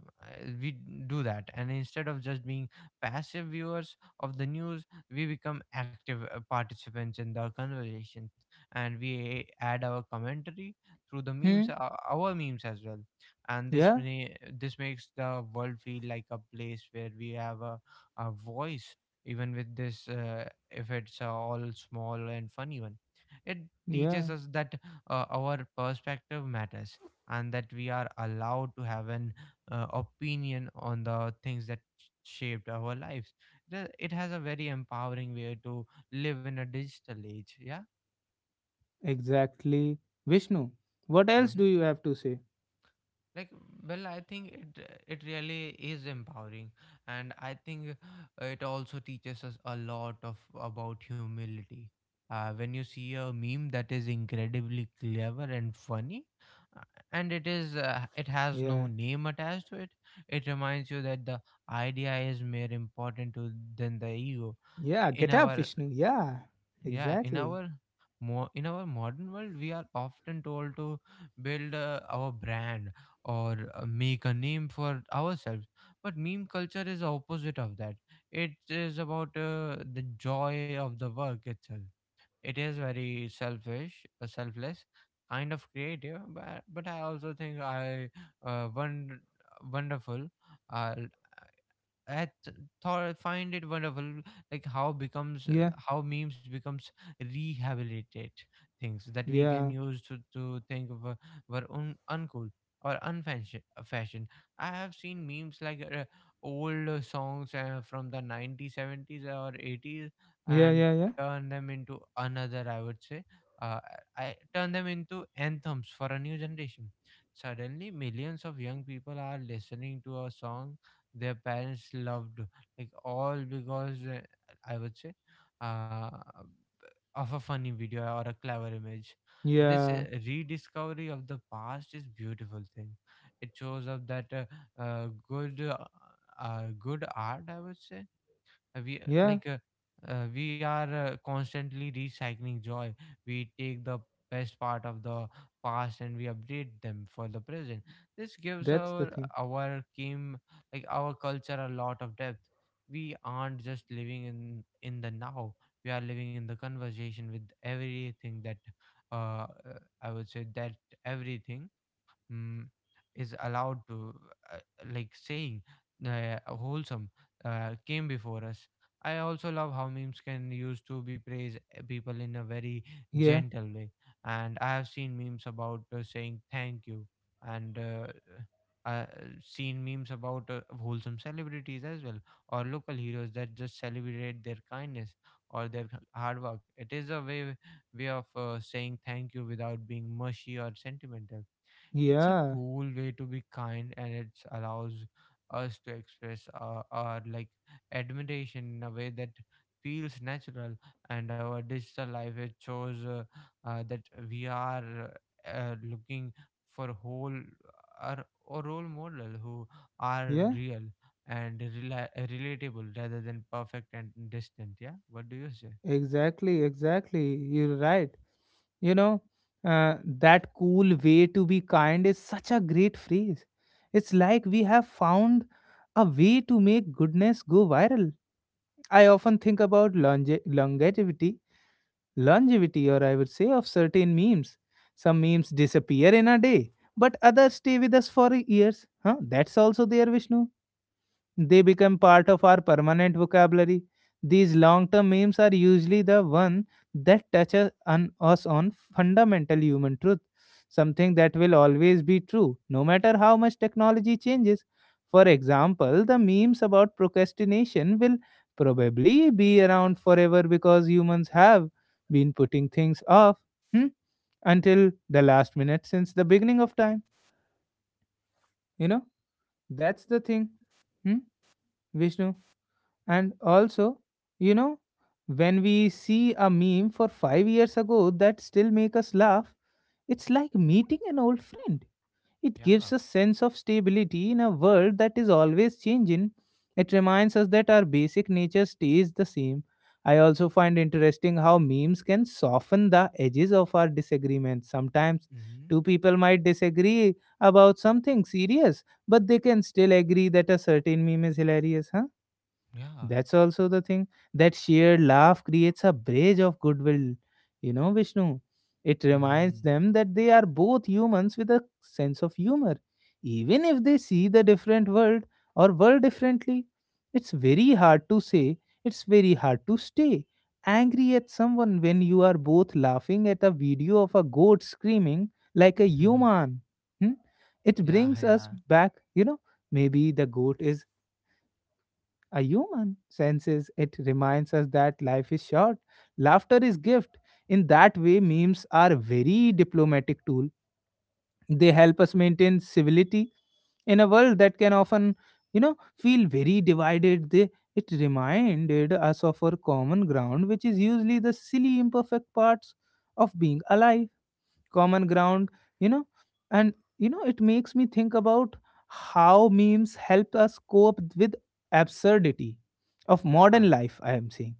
S2: we do that. And instead of just being passive viewers of the news, we become active participants in the conversation, and we add our commentary through the memes,
S1: Hmm.
S2: our memes as well. And
S1: Yeah.
S2: this makes the world feel like a place where we have a voice, even with this, if it's all small and funny one. It teaches
S1: Yeah.
S2: us that our perspective matters, and that we are allowed to have an opinion on the things that shaped our lives. It has a very empowering way to live in a digital age, yeah.
S1: Exactly. Vishnu, what else do
S2: Mm-hmm.
S1: you have to say?
S2: Like, well, I think it it really is empowering. And I think, it also teaches us a lot of about humility. When you see a meme that is incredibly clever and funny, uh, and it is it has no
S1: Yeah.
S2: name attached to it, it reminds you that the idea is more important than the ego.
S1: Yeah.
S2: In
S1: Get up,
S2: our
S1: Vishnu. Yeah.
S2: Yeah,
S1: Exactly.
S2: in our modern world we are often told to build our brand, or make a name for ourselves, but meme culture is opposite of that. It is about the joy of the work itself. It is very selfish selfless kind of creative, but I also think, I won- wonderful uh, I th- thought find it wonderful, like how becomes
S1: Yeah.
S2: how memes becomes rehabilitate things that we can
S1: Yeah.
S2: use to think of, were uncool or unfashion fashion. I have seen memes like old songs from the 90s, 70s, or 80s,
S1: Yeah.
S2: and
S1: Yeah. Yeah.
S2: turn them into another, I would say, uh, I turn them into anthems for a new generation. Suddenly, millions of young people are listening to a song their parents loved, like all because, I would say, uh, of a funny video or a clever image. This
S1: Yeah,
S2: rediscovery of the past is beautiful thing. It shows up that uh, good uh, good art, I would say, uh, we uh,
S1: yeah,
S2: like uh, we are constantly recycling joy. We take the best part of the past and we update them for the present. This gives
S1: that's the thing.
S2: our game like our culture a lot of depth. We aren't just living in the now, we are living in the conversation with everything that, I would say, that everything, mm, is allowed to, uh, like saying wholesome, came before us. I also love how memes can used to be praise, people in a very
S1: Yeah,
S2: gentle way, and I have seen memes about saying thank you, and uh, seen memes about wholesome celebrities as well, or local heroes that just celebrate their kindness or their hard work. It is a way of saying thank you without being mushy or sentimental. It's a
S1: yeah,
S2: cool way to be kind, and it allows us to express our like admiration in a way that feels natural. And our digital life, it shows that we are looking for whole or role model who are
S1: yeah,
S2: real and relatable, rather than perfect and distant. Yeah, what do you say?
S1: exactly, exactly. You're right. You know, that cool way to be kind is such a great phrase. It's like we have found a way to make goodness go viral. I often think about longevity, or I would say of certain memes. Some memes disappear in a day, but others stay with us for years. Huh? That's also there, Vishnu. They become part of our permanent vocabulary. These long term memes are usually the one that touches on us on fundamental human truth, something that will always be true, no matter how much technology changes. For example, the memes about procrastination will probably be around forever because humans have been putting things off. hmm, Until the last minute since the beginning of time. You know, that's the thing. Hmm? Vishnu? And also, you know, when we see a meme for 5 years ago that still make us laugh, it's like meeting an old friend. It gives
S2: Yeah.
S1: a sense of stability in a world that is always changing. It reminds us that our basic nature stays the same. I also find interesting how memes can soften the edges of our disagreements. Sometimes
S2: Mm-hmm.
S1: two people might disagree about something serious, but they can still agree that a certain meme is hilarious, huh?
S2: Yeah.
S1: That's also the thing. That shared laugh creates a bridge of goodwill. You know, Vishnu. It
S2: Mm-hmm.
S1: reminds them that they are both humans with a sense of humor. Even if they see the different world or world differently, it's very hard to say, it's very hard to stay angry at someone when you are both laughing at a video of a goat screaming like a human. Hmm?
S2: *laughs*
S1: It
S2: Yeah.
S1: brings us
S2: Yeah.
S1: back, you know, maybe the goat is a human senses. It reminds us that life is short, laughter is gift. In that way memes are very diplomatic tool. They help us maintain civility in a world that can often, you know, feel very divided. They it reminded us of our common ground, which is usually the silly imperfect parts of being alive. Common ground, you know. And you know, it makes me think about how memes help us cope with absurdity of modern
S2: Yeah.
S1: life, I am saying.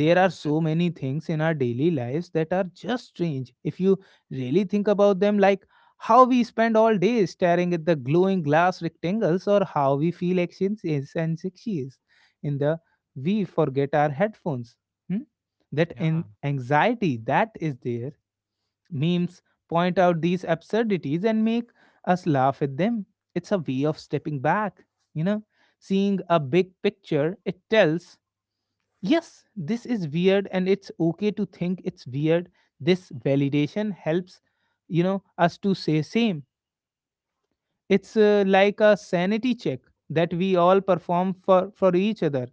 S1: There are so many things in our daily lives that are just strange if you really think about them, like how we spend all day staring at the glowing glass rectangles, or how we feel actions is and succeeds in the we forget our headphones. Hmm? That
S2: Yeah,
S1: anxiety that is there. Memes point out these absurdities and make us laugh at them. It's a way of stepping back, you know, seeing a big picture. It tells, yes, this is weird and it's okay to think it's weird. This validation helps, you know, us to say same. It's like a sanity check that we all perform for each other.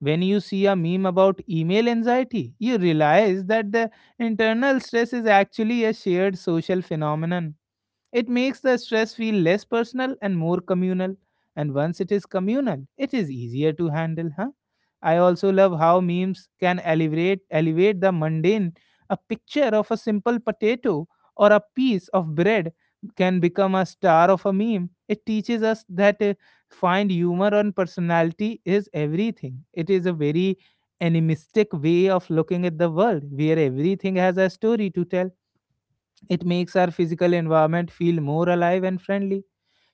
S1: When you see a meme about email anxiety, you realize that the internal stress is actually a shared social phenomenon. It makes the stress feel less personal and more communal. And once it is communal, it is easier to handle, huh? I also love how memes can elevate the mundane. A picture of a simple potato or a piece of bread can become a star of a meme. It teaches us that find humor and personality is everything. It is a very animistic way of looking at the world where everything has a story to tell. It makes our physical environment feel more alive and friendly.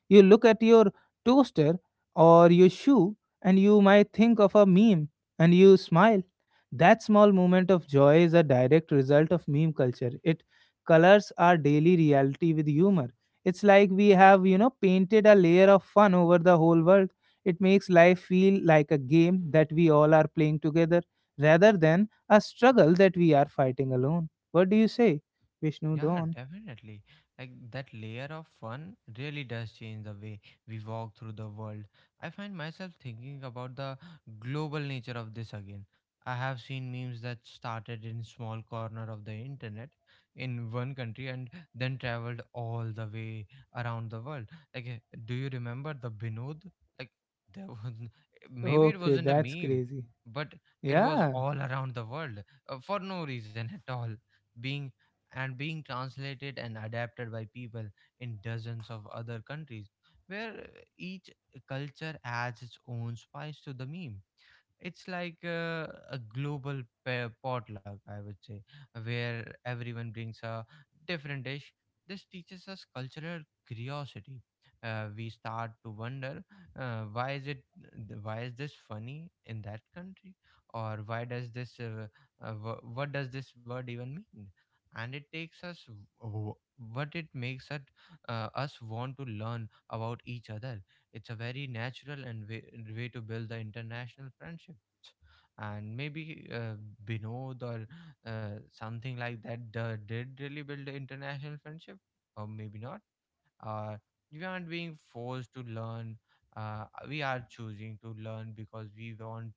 S1: You look at your toaster or your shoe and you might think of a meme and you smile. That small moment of joy is a direct result of meme culture. It colors our daily reality with humor. It's like we have, you know, painted a layer of fun over the whole world. It makes life feel like a game that we all are playing together rather than a struggle that we are fighting alone. What do you say, Vishnu
S2: yeah,
S1: Don?
S2: definitely. Like, that layer of fun really does change the way we walk through the world. I find myself thinking about the global nature of this again. I have seen memes that started in small corner of the internet in one country, and then traveled all the way around the world. Like, do you remember the Binod? Like, there was *laughs* maybe it
S1: Okay,
S2: wasn't a
S1: that's
S2: meme,
S1: crazy.
S2: but it was
S1: Yeah,
S2: all around the world, for no reason at all, being being translated and adapted by people in dozens of other countries, where each culture adds its own spice to the meme. It's like, a global pair potluck, I would say, where everyone brings a different dish. This teaches us cultural curiosity. We start to wonder, uh, why is it why is this funny in that country, or why does this wh- what does this word even mean. And it takes us w- w- what it makes us want to learn about each other. It's a very natural way to build the international friendships. And maybe, Binod or something like that did really build the international friendship, or maybe not, or we aren't being forced to learn, we are choosing to learn because we want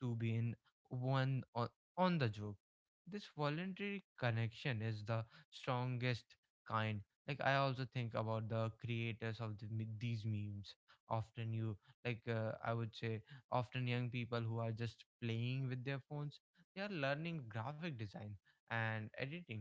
S2: to be in one on, on the job. This voluntary connection is the strongest kind. Like, I also think about the creators of these memes, often you like I would say, often young people who are just playing with their phones. They are learning graphic design and editing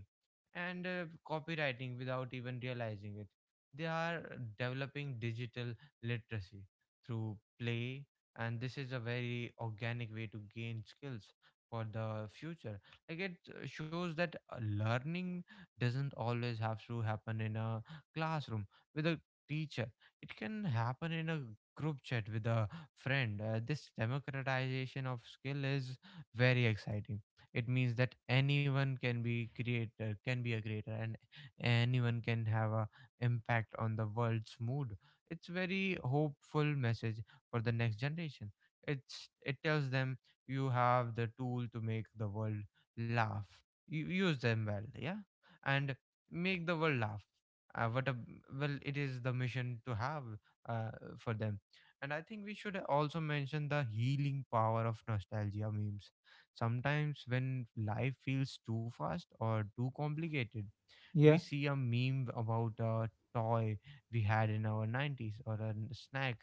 S2: and copywriting without even realizing it. They are developing digital literacy through play, and this is a very organic way to gain skills for the future. Like, it shows that learning doesn't always have to happen in a classroom with a teacher, it can happen in a group chat with a friend. This democratization of skill is very exciting. It means that anyone can be creator can be a creator, and anyone can have a impact on the world's mood. It's very hopeful message for the next generation. It tells them you have the tool to make the world laugh. You use them well, yeah, and make the world laugh. Uh, what a it is the mission to have uh, for them. And I think we should also mention the healing power of nostalgia memes. Sometimes when life feels too fast or too complicated we
S1: yeah,
S2: see a meme about a toy we had in our 90s or a snack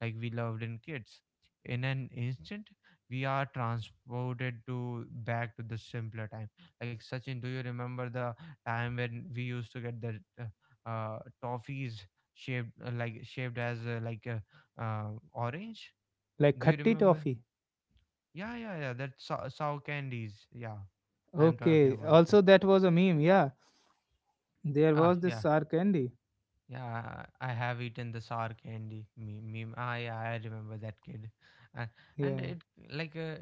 S2: like we loved in kids. In an instant we are transported to back to the simpler time. Like Sachin, do you remember the time when we used to get the toffees shaped like shaped as orange?
S1: like
S2: Do you
S1: khatti
S2: remember?
S1: toffee.
S2: Yeah, that's sour candies, yeah. I am talking
S1: Okay,
S2: about that.
S1: also that was a meme. Yeah, there
S2: Ah,
S1: was this
S2: yeah.
S1: sour candy.
S2: Yeah, I have eaten the sour candy meme. Ah, yeah, I remember that kid, and and
S1: Yeah,
S2: it like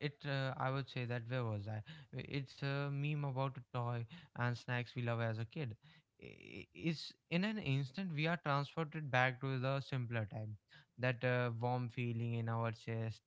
S2: it. I would say that, where was I? It's a meme about a toy and snacks we love as a kid. I- It's in an instant we are transported back to the simpler time. That warm feeling in our chest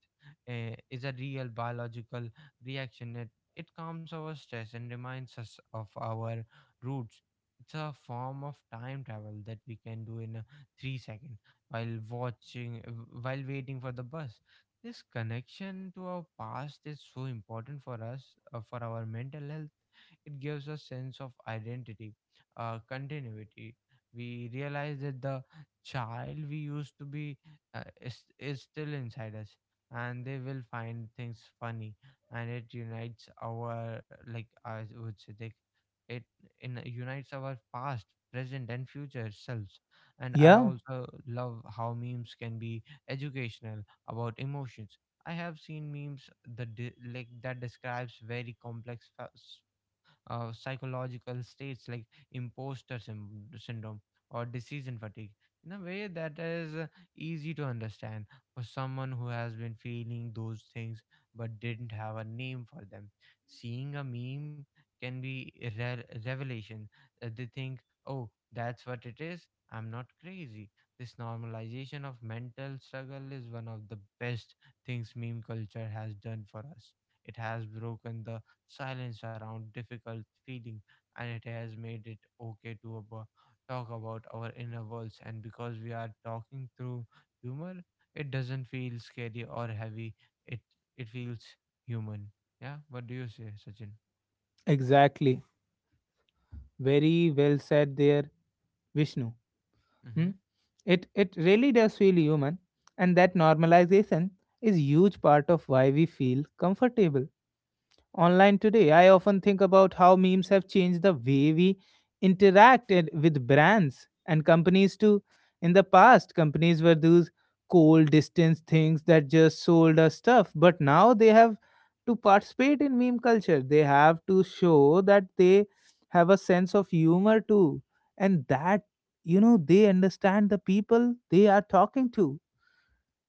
S2: is a real biological reaction. It calms our stress and reminds us of our roots. It's a form of time travel that we can do in a 3-second while watching, while waiting for the bus. This connection to our past is so important for us, for our mental health. It gives us sense of identity, continuity. We realize that the child we used to be is still inside us and they will find things funny and it unites our, like I would say, like it in unites our past, present and future selves. And I
S1: yeah,
S2: also love how memes can be educational about emotions. I have seen memes like that describes very complex psychological states like imposter syndrome or decision fatigue in a way that is easy to understand for someone who has been feeling those things but didn't have a name for them. Seeing a meme can be revelation. They think, oh, that's what it is. I'm not crazy. This normalization of mental struggle is one of the best things meme culture has done for us. It has broken the silence around difficult feeling, and it has made it okay to talk about our inner worlds. And because we are talking through humor it doesn't feel scary or heavy. It it feels human. Yeah, what do you say, Sachin?
S1: exactly. Very well said there, Vishnu. Hmm?
S2: Mm-hmm.
S1: It really does feel human, and that normalization is huge part of why we feel comfortable online today. I often think about how memes have changed the way we interacted with brands and companies too. In the past, companies were those cold, distant things that just sold us stuff, but now they have to participate in meme culture. They have to show that they have a sense of humor too, and that you know they understand the people they are talking to.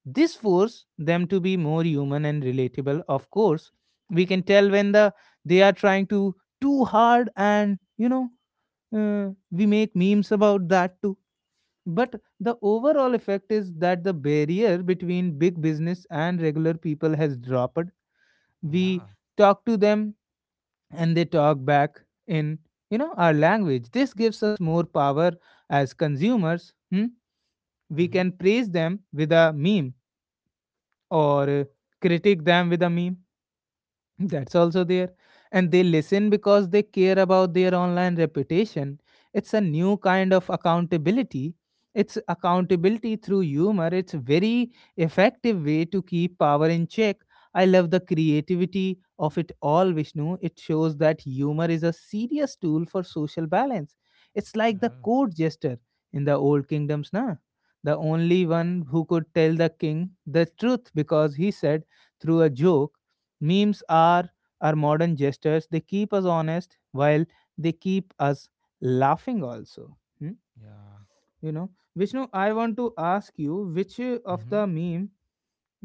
S1: This forces them to be more human and relatable. Of course, we can tell when they are trying to too hard, and you know, we make memes about that too. But the overall effect is that the barrier between big business and regular people has dropped. We
S2: Yeah.
S1: talk to them and they talk back in our language. This gives us more power as consumers. Hmm? We
S2: Mm-hmm.
S1: can praise them with a meme or critique them with a meme. That's also there. And they listen because they care about their online reputation. It's a new kind of accountability. It's accountability through humor. It's very effective way to keep power in check. I love the creativity of it all, Vishnu. It shows that humor is a serious tool for social balance. It's like the
S2: Oh.
S1: court jester in the old kingdoms, na? The only one who could tell the king the truth because he said through a joke. Memes are our modern gestures. They keep us honest while they keep us laughing also. Hmm?
S2: Yeah.
S1: You know, Vishnu, I want to ask you which of
S2: Mm-hmm.
S1: the meme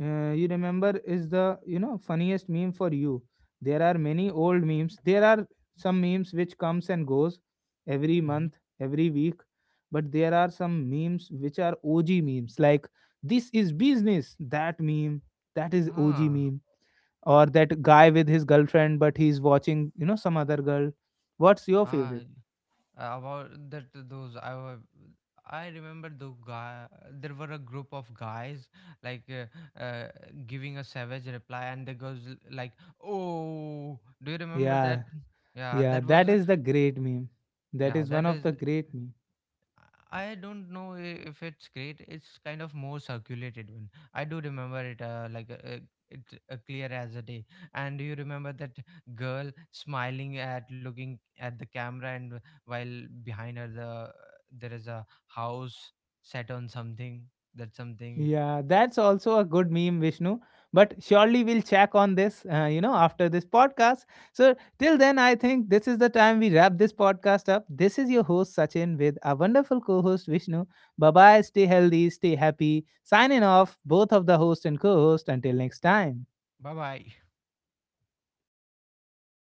S1: you remember is the funniest meme for you. There are many old memes. There are some memes which comes and goes every
S2: Mm-hmm.
S1: month, every week, but there are some memes which are OG memes like this is business. That meme, that is OG
S2: Ah.
S1: meme, or that guy with his girlfriend but he's watching, you know, some other girl. What's your
S2: Ah.
S1: favorite?
S2: About that, those I were, I remember the guy, there were a group of guys like giving a savage reply and the girls like, oh, do you remember that?
S1: Yeah,
S2: Yeah,
S1: yeah, that is the great meme, that
S2: yeah
S1: is one
S2: that
S1: of
S2: is.
S1: the great meme.
S2: I don't know if it's great. It's kind of more circulated one. I do remember it it clear as a day. And do you remember that girl smiling at looking at the camera, and while behind her the there is a house set on something. That something.
S1: Yeah, that's also a good meme, Vishnu, but surely we'll check on this after this podcast. So till then, I think this is the time we wrap this podcast up. This is your host Sachin with our wonderful co-host Vishnu. Bye bye, stay healthy, stay happy. Signing off, both of the host and co-host, until next time.
S2: Bye bye.